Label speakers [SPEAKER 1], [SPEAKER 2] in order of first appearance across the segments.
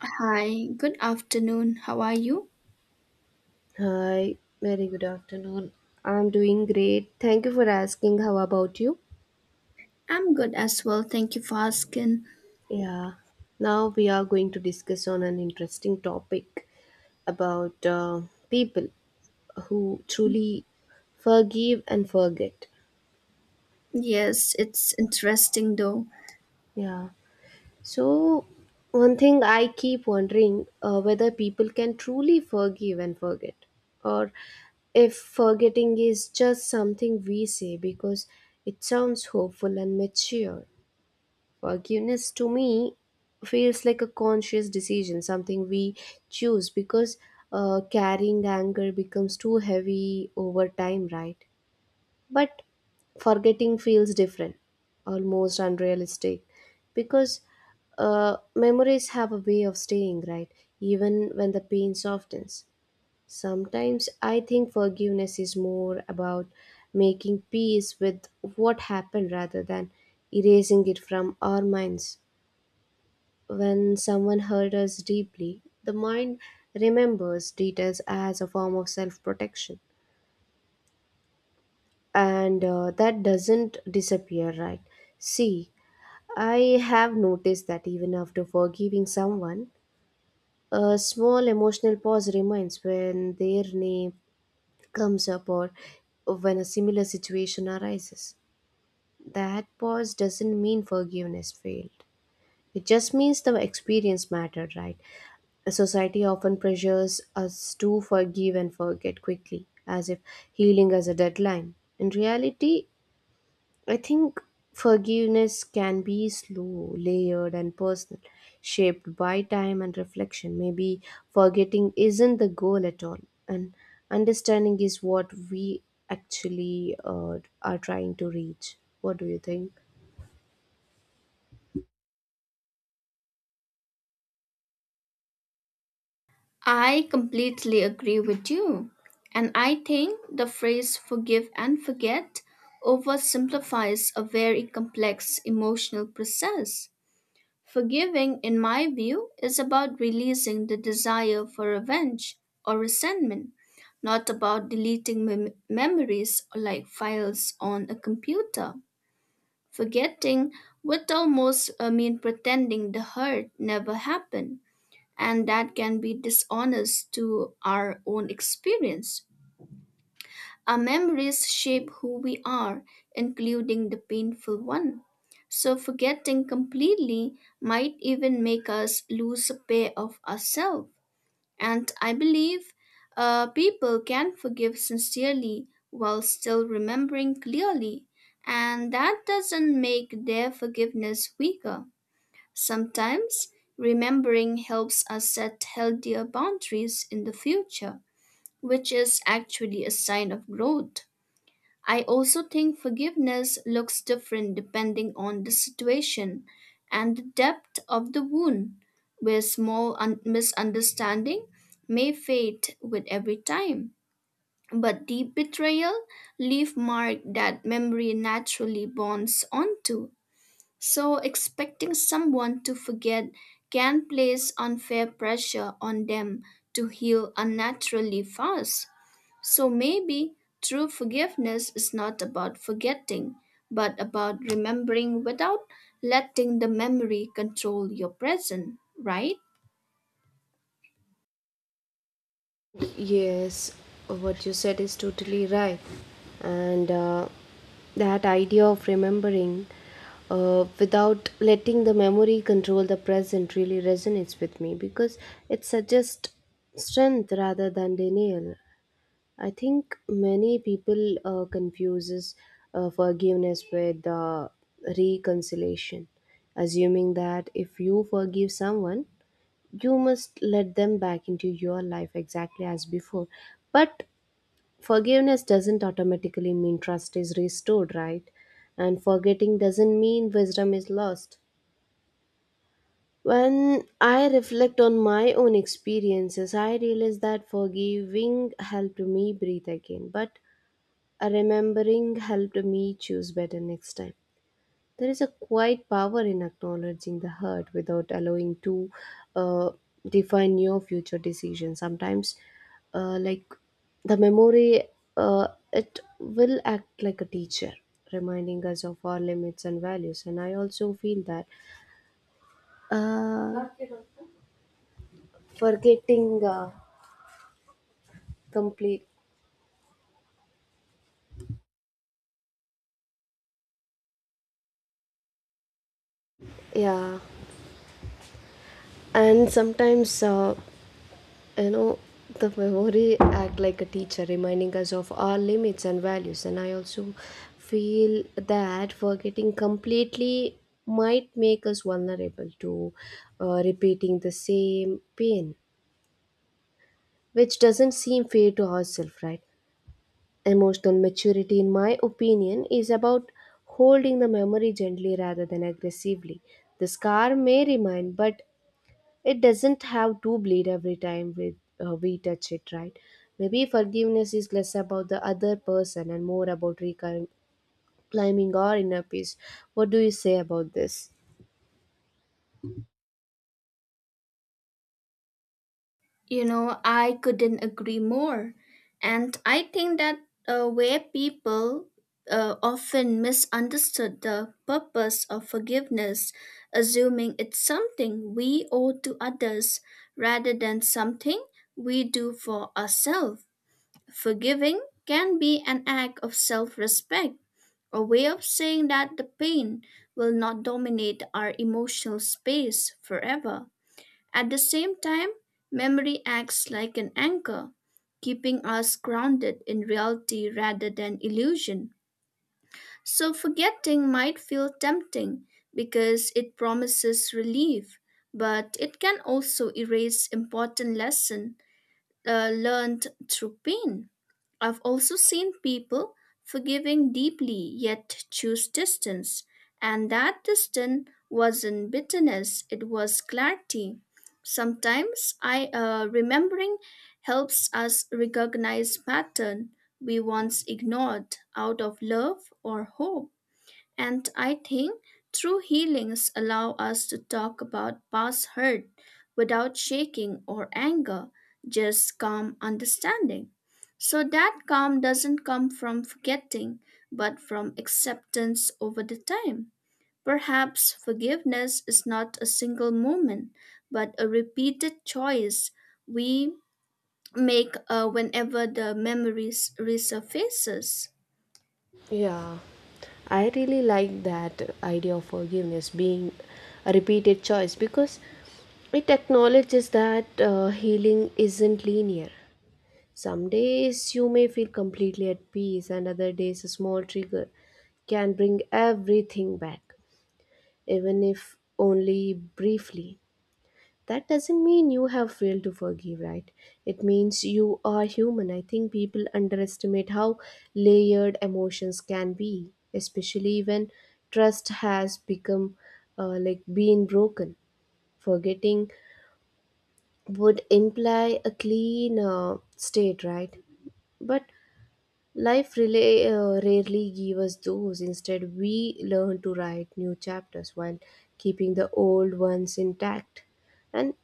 [SPEAKER 1] Hi, good afternoon. How are you?
[SPEAKER 2] Hi, very good afternoon. I'm doing great. Thank you for asking. How about you?
[SPEAKER 1] I'm good as well. Thank you for asking.
[SPEAKER 2] Yeah. Now we are going to discuss on an interesting topic about people who truly forgive and forget.
[SPEAKER 1] Yes, it's interesting though.
[SPEAKER 2] Yeah. So one thing I keep wondering, whether people can truly forgive and forget, or if forgetting is just something we say because it sounds hopeful and mature. Forgiveness to me feels like a conscious decision, something we choose because carrying anger becomes too heavy over time, right? But forgetting feels different, almost unrealistic, because memories have a way of staying, right? Even when the pain softens. Sometimes I think forgiveness is more about making peace with what happened rather than erasing it from our minds. When someone hurt us deeply, the mind remembers details as a form of self protection. And that doesn't disappear, right? See, I have noticed that even after forgiving someone, a small emotional pause remains when their name comes up or when a similar situation arises. That pause doesn't mean forgiveness failed. It just means the experience mattered, right? Society often pressures us to forgive and forget quickly, as if healing has a deadline. In reality, I think forgiveness can be slow, layered, and personal, shaped by time and reflection. Maybe forgetting isn't the goal at all, and understanding is what we actually, are trying to reach. What do you think?
[SPEAKER 1] I completely agree with you. And I think the phrase forgive and forget oversimplifies a very complex emotional process. Forgiving, in my view, is about releasing the desire for revenge or resentment, not about deleting memories or like files on a computer. Forgetting would almost mean pretending the hurt never happened, and that can be dishonest to our own experience. Our memories shape who we are, including the painful one. So, forgetting completely might even make us lose a pair of ourselves. And I believe people can forgive sincerely while still remembering clearly, and that doesn't make their forgiveness weaker. Sometimes remembering helps us set healthier boundaries in the future, which is actually a sign of growth. I also think forgiveness looks different depending on the situation and the depth of the wound, where small misunderstanding may fade with every time. But deep betrayal leave mark that memory naturally bonds onto. So expecting someone to forget can place unfair pressure on them to heal unnaturally fast. So maybe true forgiveness is not about forgetting, but about remembering without letting the memory control your present, right?
[SPEAKER 2] Yes, what you said is totally right. And that idea of remembering, without letting the memory control the present really resonates with me because it suggests strength rather than denial. I think many people, confuses, forgiveness with, reconciliation, assuming that if you forgive someone, you must let them back into your life exactly as before. But forgiveness doesn't automatically mean trust is restored, right? And forgetting doesn't mean wisdom is lost. When I reflect on my own experiences, I realize that forgiving helped me breathe again, but remembering helped me choose better next time. There is a quiet power in acknowledging the hurt without allowing to, uh, define your future decision. Sometimes, uh, like the memory, it will act like a teacher, reminding us of our limits and values. And I also feel that, uh, forgetting, complete, yeah, and sometimes. You know, the memory act like a teacher, reminding us of our limits and values. And I also feel that forgetting completely might make us vulnerable to, repeating the same pain, which doesn't seem fair to ourselves, right? Emotional maturity, in my opinion, is about holding the memory gently rather than aggressively. The scar may remain, but it doesn't have to bleed every time we touch it, right? Maybe forgiveness is less about the other person and more about reclaiming our inner peace. What do you say about this?
[SPEAKER 1] You know, I couldn't agree more. And I think that where people often misunderstood the purpose of forgiveness, assuming it's something we owe to others rather than something we do for ourselves. Forgiving can be an act of self respect, a way of saying that the pain will not dominate our emotional space forever. At the same time, memory acts like an anchor, keeping us grounded in reality rather than illusion. So, forgetting might feel tempting because it promises relief, but it can also erase important lessons learned through pain. I've also seen people forgiving deeply yet choose distance, and that distance wasn't bitterness, it was clarity. Sometimes I remembering helps us recognize pattern we once ignored out of love or hope. And I think true healings allow us to talk about past hurt without shaking or anger, just calm understanding. So that calm doesn't come from forgetting, but from acceptance over the time. Perhaps forgiveness is not a single moment, but a repeated choice we make whenever the memories resurfaces.
[SPEAKER 2] Yeah, I really like that idea of forgiveness being a repeated choice because it acknowledges that, healing isn't linear. Some days you may feel completely at peace, and other days a small trigger can bring everything back, even if only briefly. That doesn't mean you have failed to forgive, right? It means you are human. I think people underestimate how layered emotions can be, especially when trust has become, being broken. Forgetting would imply a clean, state, right? But life really, rarely gives us those. Instead, we learn to write new chapters while keeping the old ones intact. And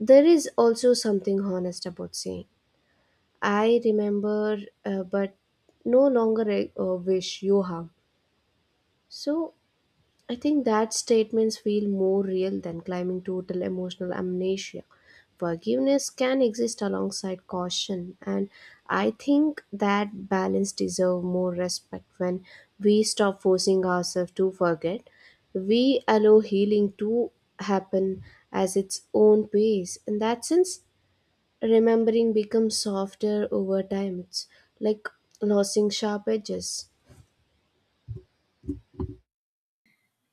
[SPEAKER 2] there is also something honest about saying, "I remember, but no longer, wish you harm." So I think that statements feel more real than claiming total emotional amnesia. Forgiveness can exist alongside caution, and I think that balance deserves more respect. When we stop forcing ourselves to forget, we allow healing to happen as its own pace. In that sense, remembering becomes softer over time. It's like losing sharp edges.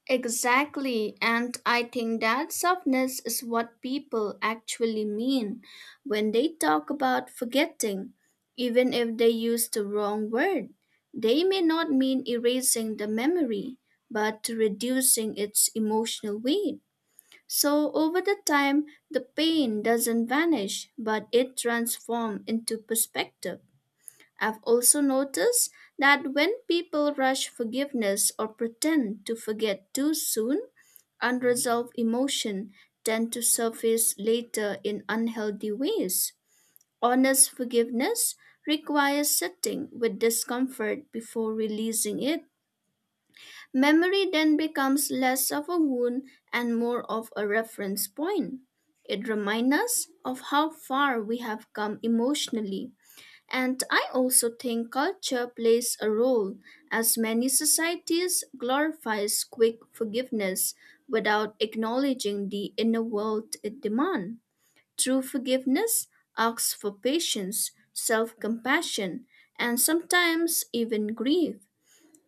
[SPEAKER 1] Exactly, and I think that softness is what people actually mean when they talk about forgetting, even if they use the wrong word. They may not mean erasing the memory, but reducing its emotional weight. So over the time, the pain doesn't vanish, but it transforms into perspective. I've also noticed that when people rush forgiveness or pretend to forget too soon, unresolved emotion tend to surface later in unhealthy ways. Honest forgiveness requires sitting with discomfort before releasing it. Memory then becomes less of a wound and more of a reference point. It reminds us of how far we have come emotionally and I also think culture plays a role, as many societies glorifies quick forgiveness without acknowledging the inner world it demands. True forgiveness asks for patience, self compassion, and sometimes even grief.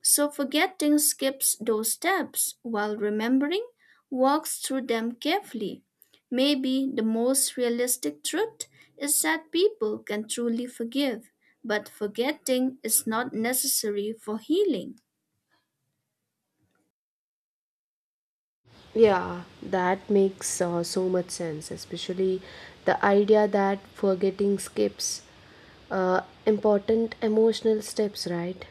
[SPEAKER 1] So forgetting skips those steps, while remembering walks through them carefully. Maybe the most realistic truth is that people can truly forgive, but forgetting is not necessary for healing.
[SPEAKER 2] Yeah, that makes, so much sense, especially the idea that forgetting skips, important emotional steps, right?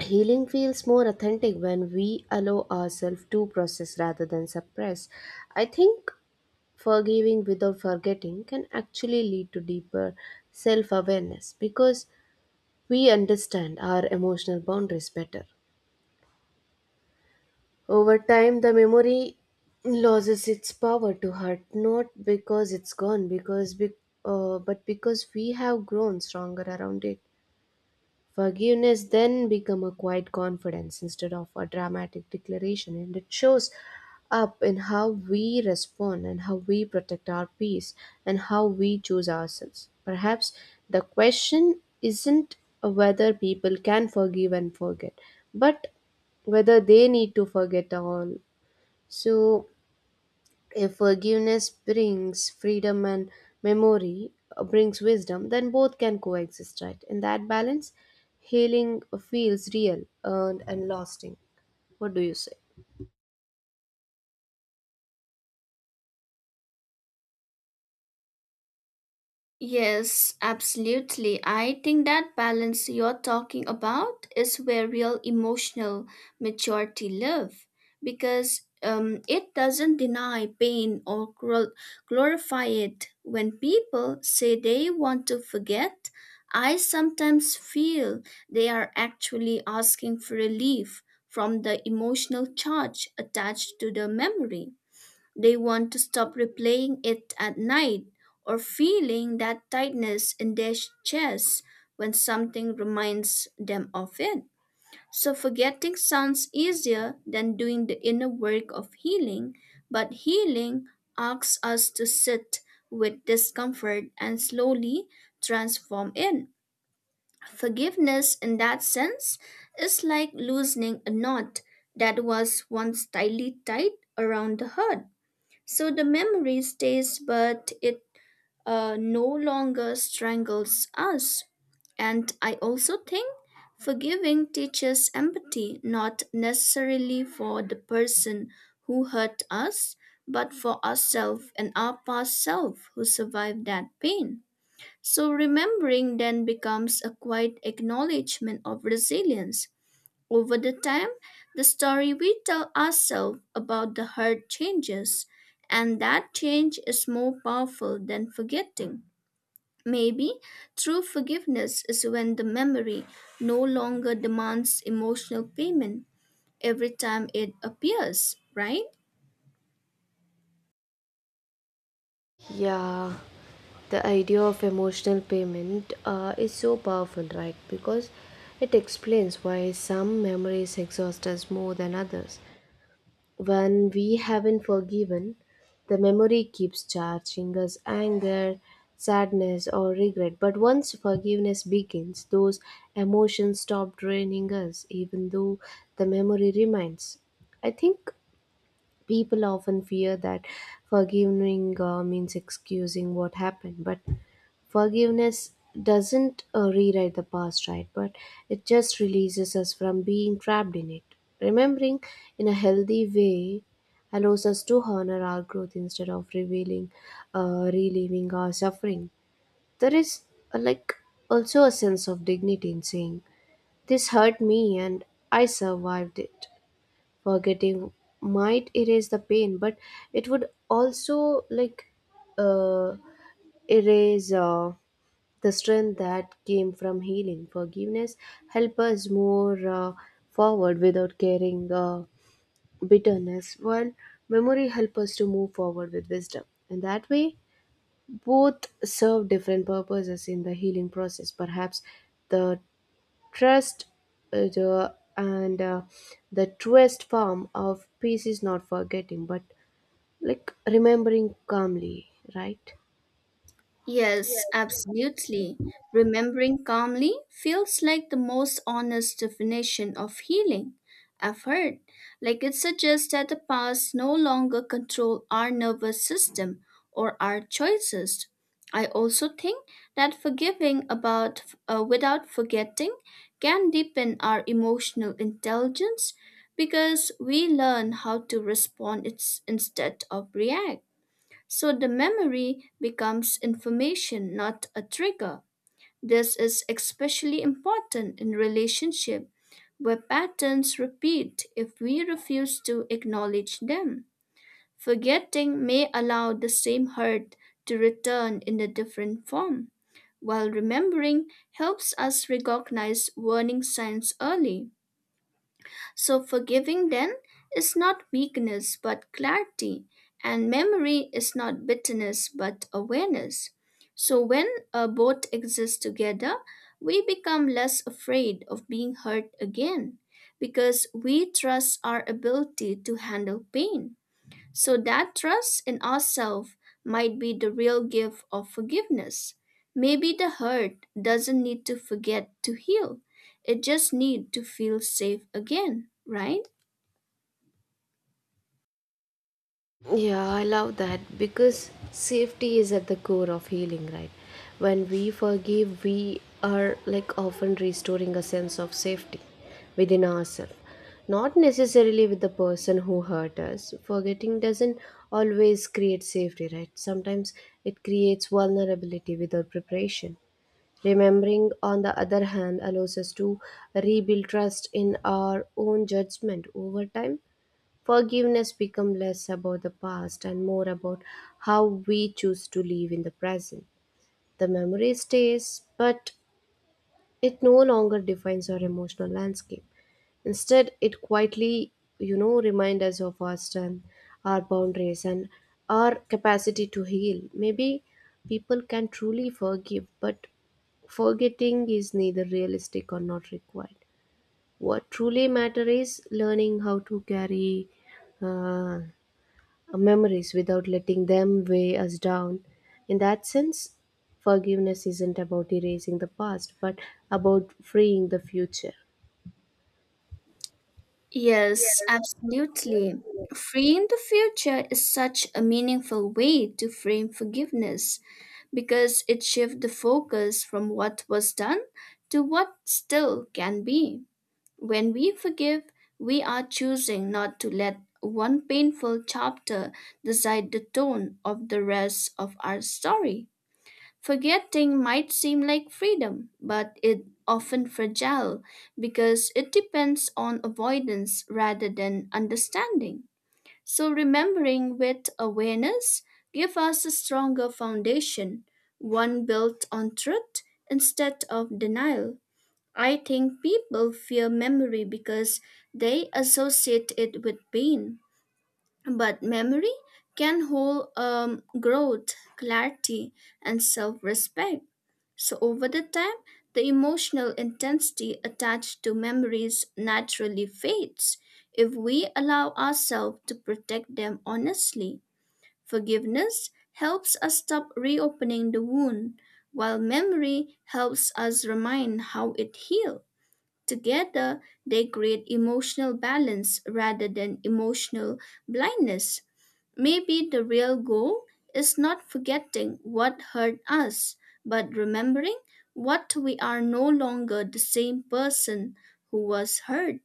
[SPEAKER 2] Healing feels more authentic when we allow ourselves to process rather than suppress. I think forgiving without forgetting can actually lead to deeper self awareness because we understand our emotional boundaries better. Over time, the memory loses its power to hurt, not because it's gone, but because we have grown stronger around it. Forgiveness then become a quiet confidence instead of a dramatic declaration, and it shows up in how we respond and how we protect our peace and how we choose ourselves. Perhaps the question isn't whether people can forgive and forget, but whether they need to forget all. So, if forgiveness brings freedom and memory, brings wisdom, then both can coexist, right? In that balance, healing feels real, earned, and lasting. What do you say?
[SPEAKER 1] Yes, absolutely. I think that balance you're talking about is where real emotional maturity live because it doesn't deny pain or glorify it. When people say they want to forget, I sometimes feel they are actually asking for relief from the emotional charge attached to the memory. They want to stop replaying it at night or feeling that tightness in their chest when something reminds them of it. So forgetting sounds easier than doing the inner work of healing, but healing asks us to sit with discomfort and slowly transform it. Forgiveness, in that sense, is like loosening a knot that was once tightly tied around the heart. So the memory stays, but it no longer strangles us. And I also think forgiving teaches empathy, not necessarily for the person who hurt us, but for ourselves and our past self who survived that pain. So remembering then becomes a quiet acknowledgement of resilience over the time, the story we tell ourselves about the hurt changes, and that change is more powerful than forgetting. Maybe true forgiveness is when the memory no longer demands emotional payment every time it appears, right?
[SPEAKER 2] Yeah, the idea of emotional payment, is so powerful, right? Because it explains why some memories exhaust us more than others. When we haven't forgiven, the memory keeps charging us anger, sadness, or regret. But once forgiveness begins, those emotions stop draining us, even though the memory remains. I think people often fear that forgiving, means excusing what happened, but forgiveness doesn't, rewrite the past, right? But it just releases us from being trapped in it. Remembering in a healthy way allows us to honor our growth instead of relieving our suffering. There is, uh, like also a sense of dignity in saying, "This hurt me, and I survived it." Forgetting might erase the pain, but it would also, like uh, erase, the strength that came from healing. Forgiveness help us more, forward without carrying, bitterness, while memory help us to move forward with wisdom. And that way, both serve different purposes in the healing process. Perhaps the trust the, and the truest form of peace is not forgetting, but like remembering calmly, right?
[SPEAKER 1] Yes, absolutely. Remembering calmly feels like the most honest definition of healing. I've heard, like it suggests that the past no longer control our nervous system or our choices. I also think that forgiving about without forgetting can deepen our emotional intelligence because we learn how to respond its, instead of react. So the memory becomes information, not a trigger. This is especially important in relationship where patterns repeat if we refuse to acknowledge them. Forgetting may allow the same hurt to return in a different form, while remembering helps us recognize warning signs early. So, forgiving then is not weakness but clarity, and memory is not bitterness but awareness. So, when both exist together, we become less afraid of being hurt again because we trust our ability to handle pain. So that trust in ourselves might be the real gift of forgiveness. Maybe the hurt doesn't need to forget to heal. It just needs to feel safe again, right?
[SPEAKER 2] Yeah, I love that because safety is at the core of healing, right? When we forgive, we are like often restoring a sense of safety within ourselves, not necessarily with the person who hurt us. Forgetting doesn't always create safety, right? Sometimes it creates vulnerability without preparation. Remembering, on the other hand, allows us to rebuild trust in our own judgment over time. Forgiveness becomes less about the past and more about how we choose to live in the present. The memory stays, but it no longer defines our emotional landscape. Instead, it quietly, you know, reminds us of our strength, our boundaries, and our capacity to heal. Maybe people can truly forgive, but forgetting is neither realistic or not required. What truly matters is learning how to carry, uh, our memories without letting them weigh us down. In that sense, forgiveness isn't about erasing the past, but about freeing the future.
[SPEAKER 1] Yes, absolutely. Freeing the future is such a meaningful way to frame forgiveness because it shifts the focus from what was done to what still can be. When we forgive, we are choosing not to let one painful chapter decide the tone of the rest of our story. Forgetting might seem like freedom, but it often fragile because it depends on avoidance rather than understanding. So remembering with awareness give us a stronger foundation, one built on truth instead of denial. I think people fear memory because they associate it with pain. But memory can hold growth, clarity, and self respect. So, over the time, the emotional intensity attached to memories naturally fades if we allow ourselves to protect them honestly. Forgiveness helps us stop reopening the wound, while memory helps us remind how it healed. Together, they create emotional balance rather than emotional blindness. Maybe the real goal is not forgetting what hurt us, but remembering what we are no longer the same person who was hurt.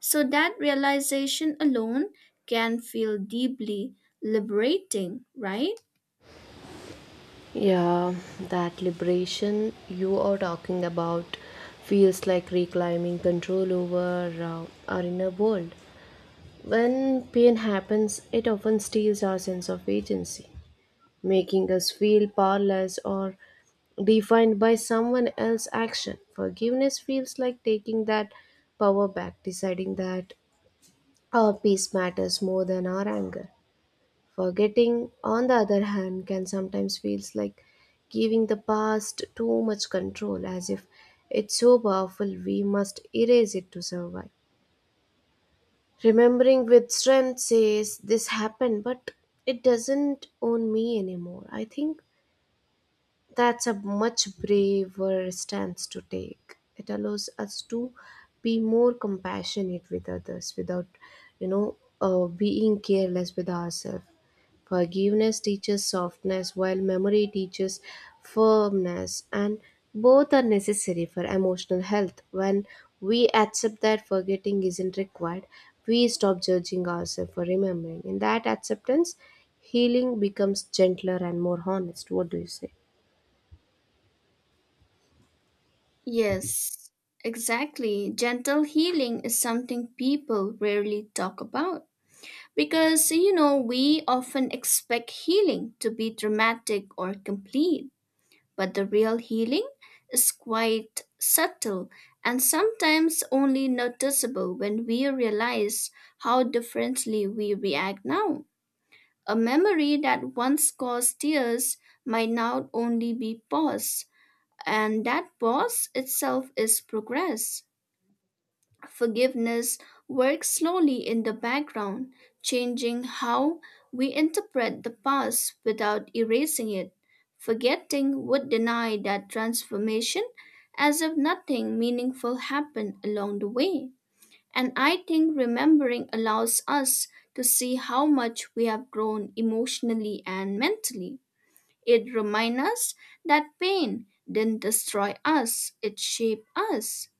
[SPEAKER 1] So that realization alone can feel deeply liberating, right?
[SPEAKER 2] Yeah, that liberation you are talking about feels like reclaiming control over, our inner world. When pain happens, it often steals our sense of agency, making us feel powerless or defined by someone else's action. Forgiveness feels like taking that power back, deciding that our peace matters more than our anger. Forgetting, on the other hand, can sometimes feels like giving the past too much control, as if it's so powerful we must erase it to survive. Remembering with strength says this happened, but it doesn't own me anymore. I think that's a much braver stance to take. It allows us to be more compassionate with others without, you know, being careless with ourselves. Forgiveness teaches softness, while memory teaches firmness, and both are necessary for emotional health. When we accept that forgetting isn't required, we stop judging ourselves for remembering. In that acceptance, healing becomes gentler and more honest. What do you say?
[SPEAKER 1] Yes, exactly. Gentle healing is something people rarely talk about. Because, you know, we often expect healing to be dramatic or complete, but the real healing is quite subtle and sometimes only noticeable when we realize how differently we react now. A memory that once caused tears might now only be pause, and that pause itself is progress. Forgiveness works slowly in the background, changing how we interpret the past without erasing it. Forgetting would deny that transformation as if nothing meaningful happened along the way. And I think remembering allows us to see how much we have grown emotionally and mentally. It reminds us that pain didn't destroy us, it shaped us.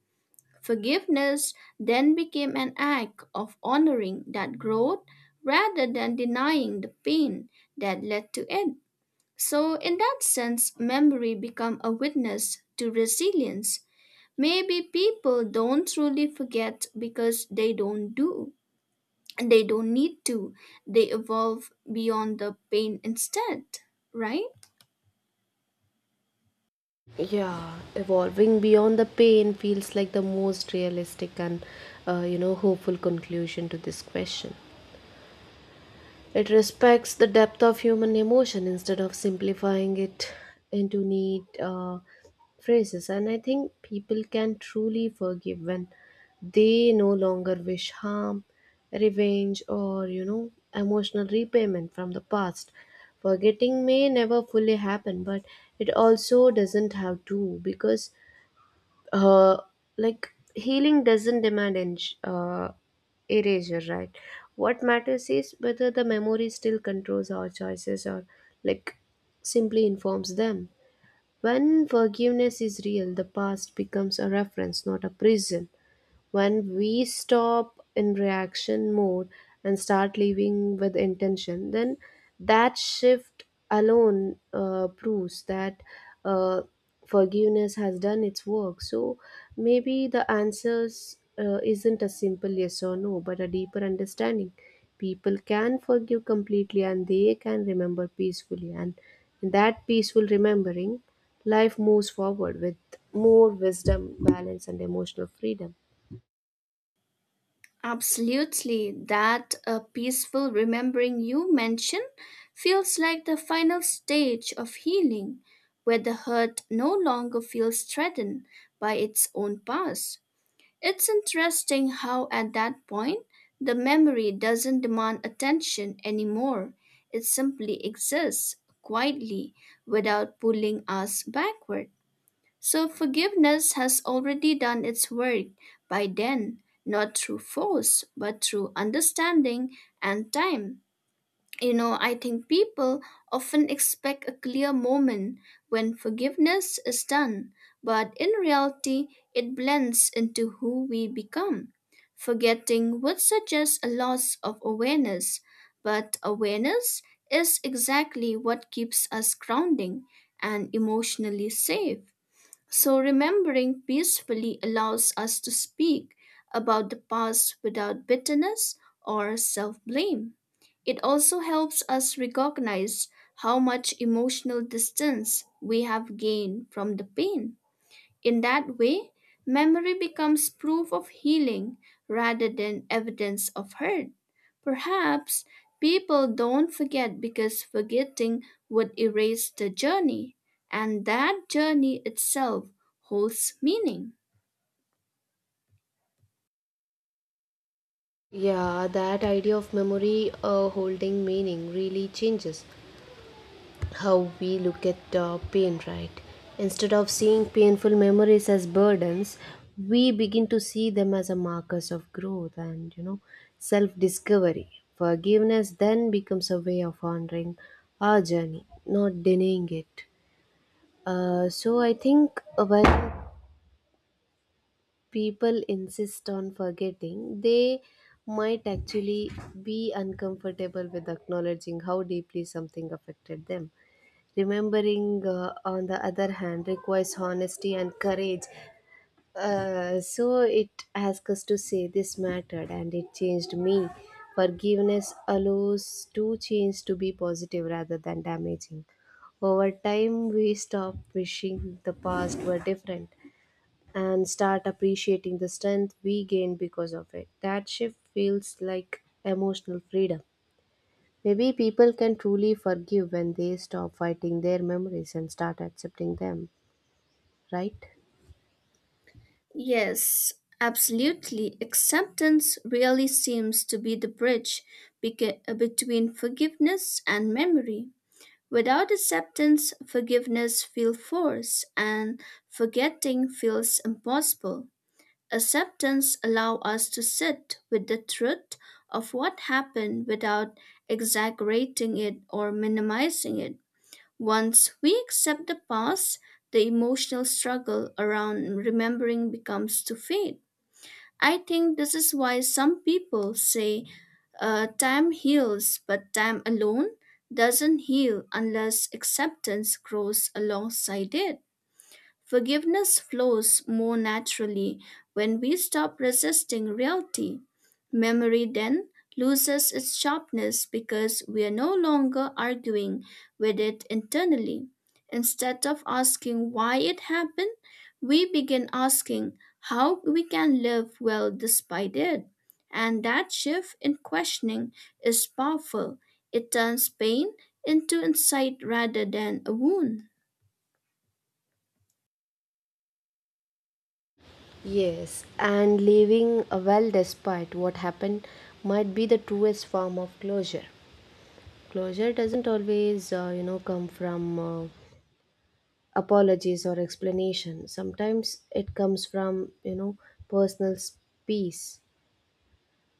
[SPEAKER 1] Forgiveness then became an act of honoring that growth rather than denying the pain that led to it. So, in that sense, memory become a witness to resilience. Maybe people don't truly forget because they don't need to. They evolve beyond the pain instead, right?
[SPEAKER 2] Yeah, evolving beyond the pain feels like the most realistic and, you know, hopeful conclusion to this question. It respects the depth of human emotion instead of simplifying it into neat, phrases. And I think people can truly forgive when they no longer wish harm, revenge, or, you know, emotional repayment from the past. Forgetting may never fully happen, but it also doesn't have to because, uh, healing doesn't demand uh, erasure, right? What matters is whether the memory still controls our choices or like simply informs them. When forgiveness is real, the past becomes a reference, not a prison. When we stop in reaction mode and start living with intention, then that shift alone, proves that, uh, forgiveness has done its work. So maybe the answers, isn't a simple yes or no, but a deeper understanding. People can forgive completely and they can remember peacefully, and in that peaceful remembering, life moves forward with more wisdom, balance, and emotional freedom.
[SPEAKER 1] Absolutely. That peaceful remembering you mentioned feels like the final stage of healing, where the hurt no longer feels threatened by its own past. It's interesting how, at that point, the memory doesn't demand attention anymore. It simply exists quietly without pulling us backward. So forgiveness has already done its work by then, not through force, but through understanding and time. You know, I think people often expect a clear moment when forgiveness is done, but in reality, it blends into who we become. Forgetting would suggest a loss of awareness, but awareness is exactly what keeps us grounding and emotionally safe. So, remembering peacefully allows us to speak about the past without bitterness or self blame. It also helps us recognize how much emotional distance we have gained from the pain. In that way, memory becomes proof of healing rather than evidence of hurt. Perhaps people don't forget because forgetting would erase the journey, and that journey itself holds meaning.
[SPEAKER 2] Yeah, that idea of memory, holding meaning really changes how we look at, pain, right? Instead of seeing painful memories as burdens, we begin to see them as a markers of growth and, you know, self-discovery. Forgiveness then becomes a way of honoring our journey, not denying it. So I think, when people insist on forgetting, they might actually be uncomfortable with acknowledging how deeply something affected them. Remembering, on the other hand, requires honesty and courage. So it asks us to say this mattered and it changed me. Forgiveness allows to change to be positive rather than damaging. Over time, we stop wishing the past were different and start appreciating the strength we gain because of it. That shift feels like emotional freedom. Maybe people can truly forgive when they stop fighting their memories and start accepting them, right?
[SPEAKER 1] Yes, absolutely. Acceptance really seems to be the bridge between forgiveness and memory. Without acceptance, forgiveness feels forced and forgetting feels impossible. Acceptance allows us to sit with the truth of what happened without exaggerating it or minimizing it. Once we accept the past, the emotional struggle around remembering becomes to fade. I think this is why some people say time heals, but time alone doesn't heal unless acceptance grows alongside it. Forgiveness flows more naturally when we stop resisting reality. Memory then loses its sharpness because we are no longer arguing with it internally. Instead of asking why it happened, we begin asking how we can live well despite it. And that shift in questioning is powerful. It turns pain into insight rather than a wound.
[SPEAKER 2] Yes, and living well despite what happened might be the truest form of closure. Closure doesn't always, you know, come from, apologies or explanation. Sometimes it comes from, you know, personal s- peace.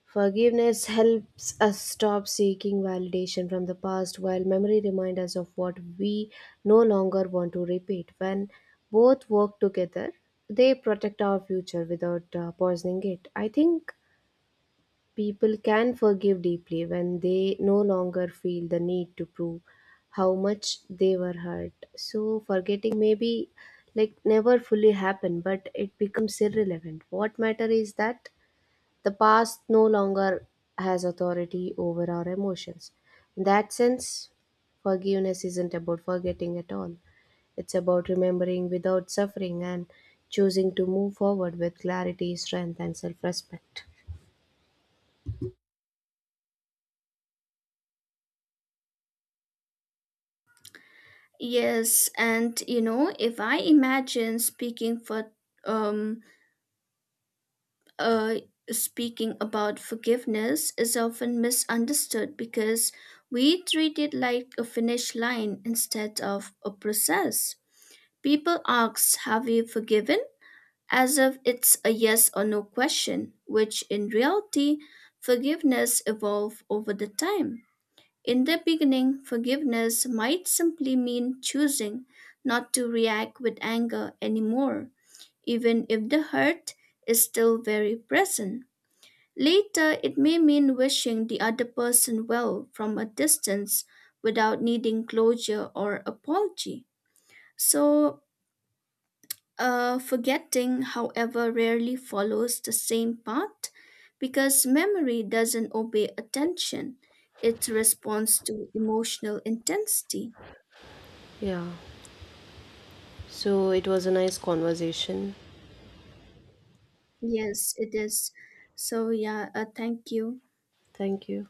[SPEAKER 2] Forgiveness helps us stop seeking validation from the past while memory reminds us of what we no longer want to repeat. When both work together, they protect our future without, poisoning it. I think people can forgive deeply when they no longer feel the need to prove how much they were hurt. So, forgetting maybe like never fully happen, but it becomes irrelevant. What matter is that the past no longer has authority over our emotions. In that sense, forgiveness isn't about forgetting at all. It's about remembering without suffering and choosing to move forward with clarity, strength, and self respect.
[SPEAKER 1] Yes, and you know, if I imagine speaking for um uh speaking about forgiveness is often misunderstood because we treat it like a finish line instead of a process. People ask, "Have you forgiven?" as if it's a yes or no question, which in reality, forgiveness evolves over the time. In the beginning, forgiveness might simply mean choosing not to react with anger anymore, even if the hurt is still very present. Later, it may mean wishing the other person well from a distance without needing closure or apology. So, forgetting, however, rarely follows the same path because memory doesn't obey attention, it responds to emotional intensity.
[SPEAKER 2] Yeah, so it was a nice conversation.
[SPEAKER 1] Yes, it is. So, yeah, thank you.
[SPEAKER 2] Thank you.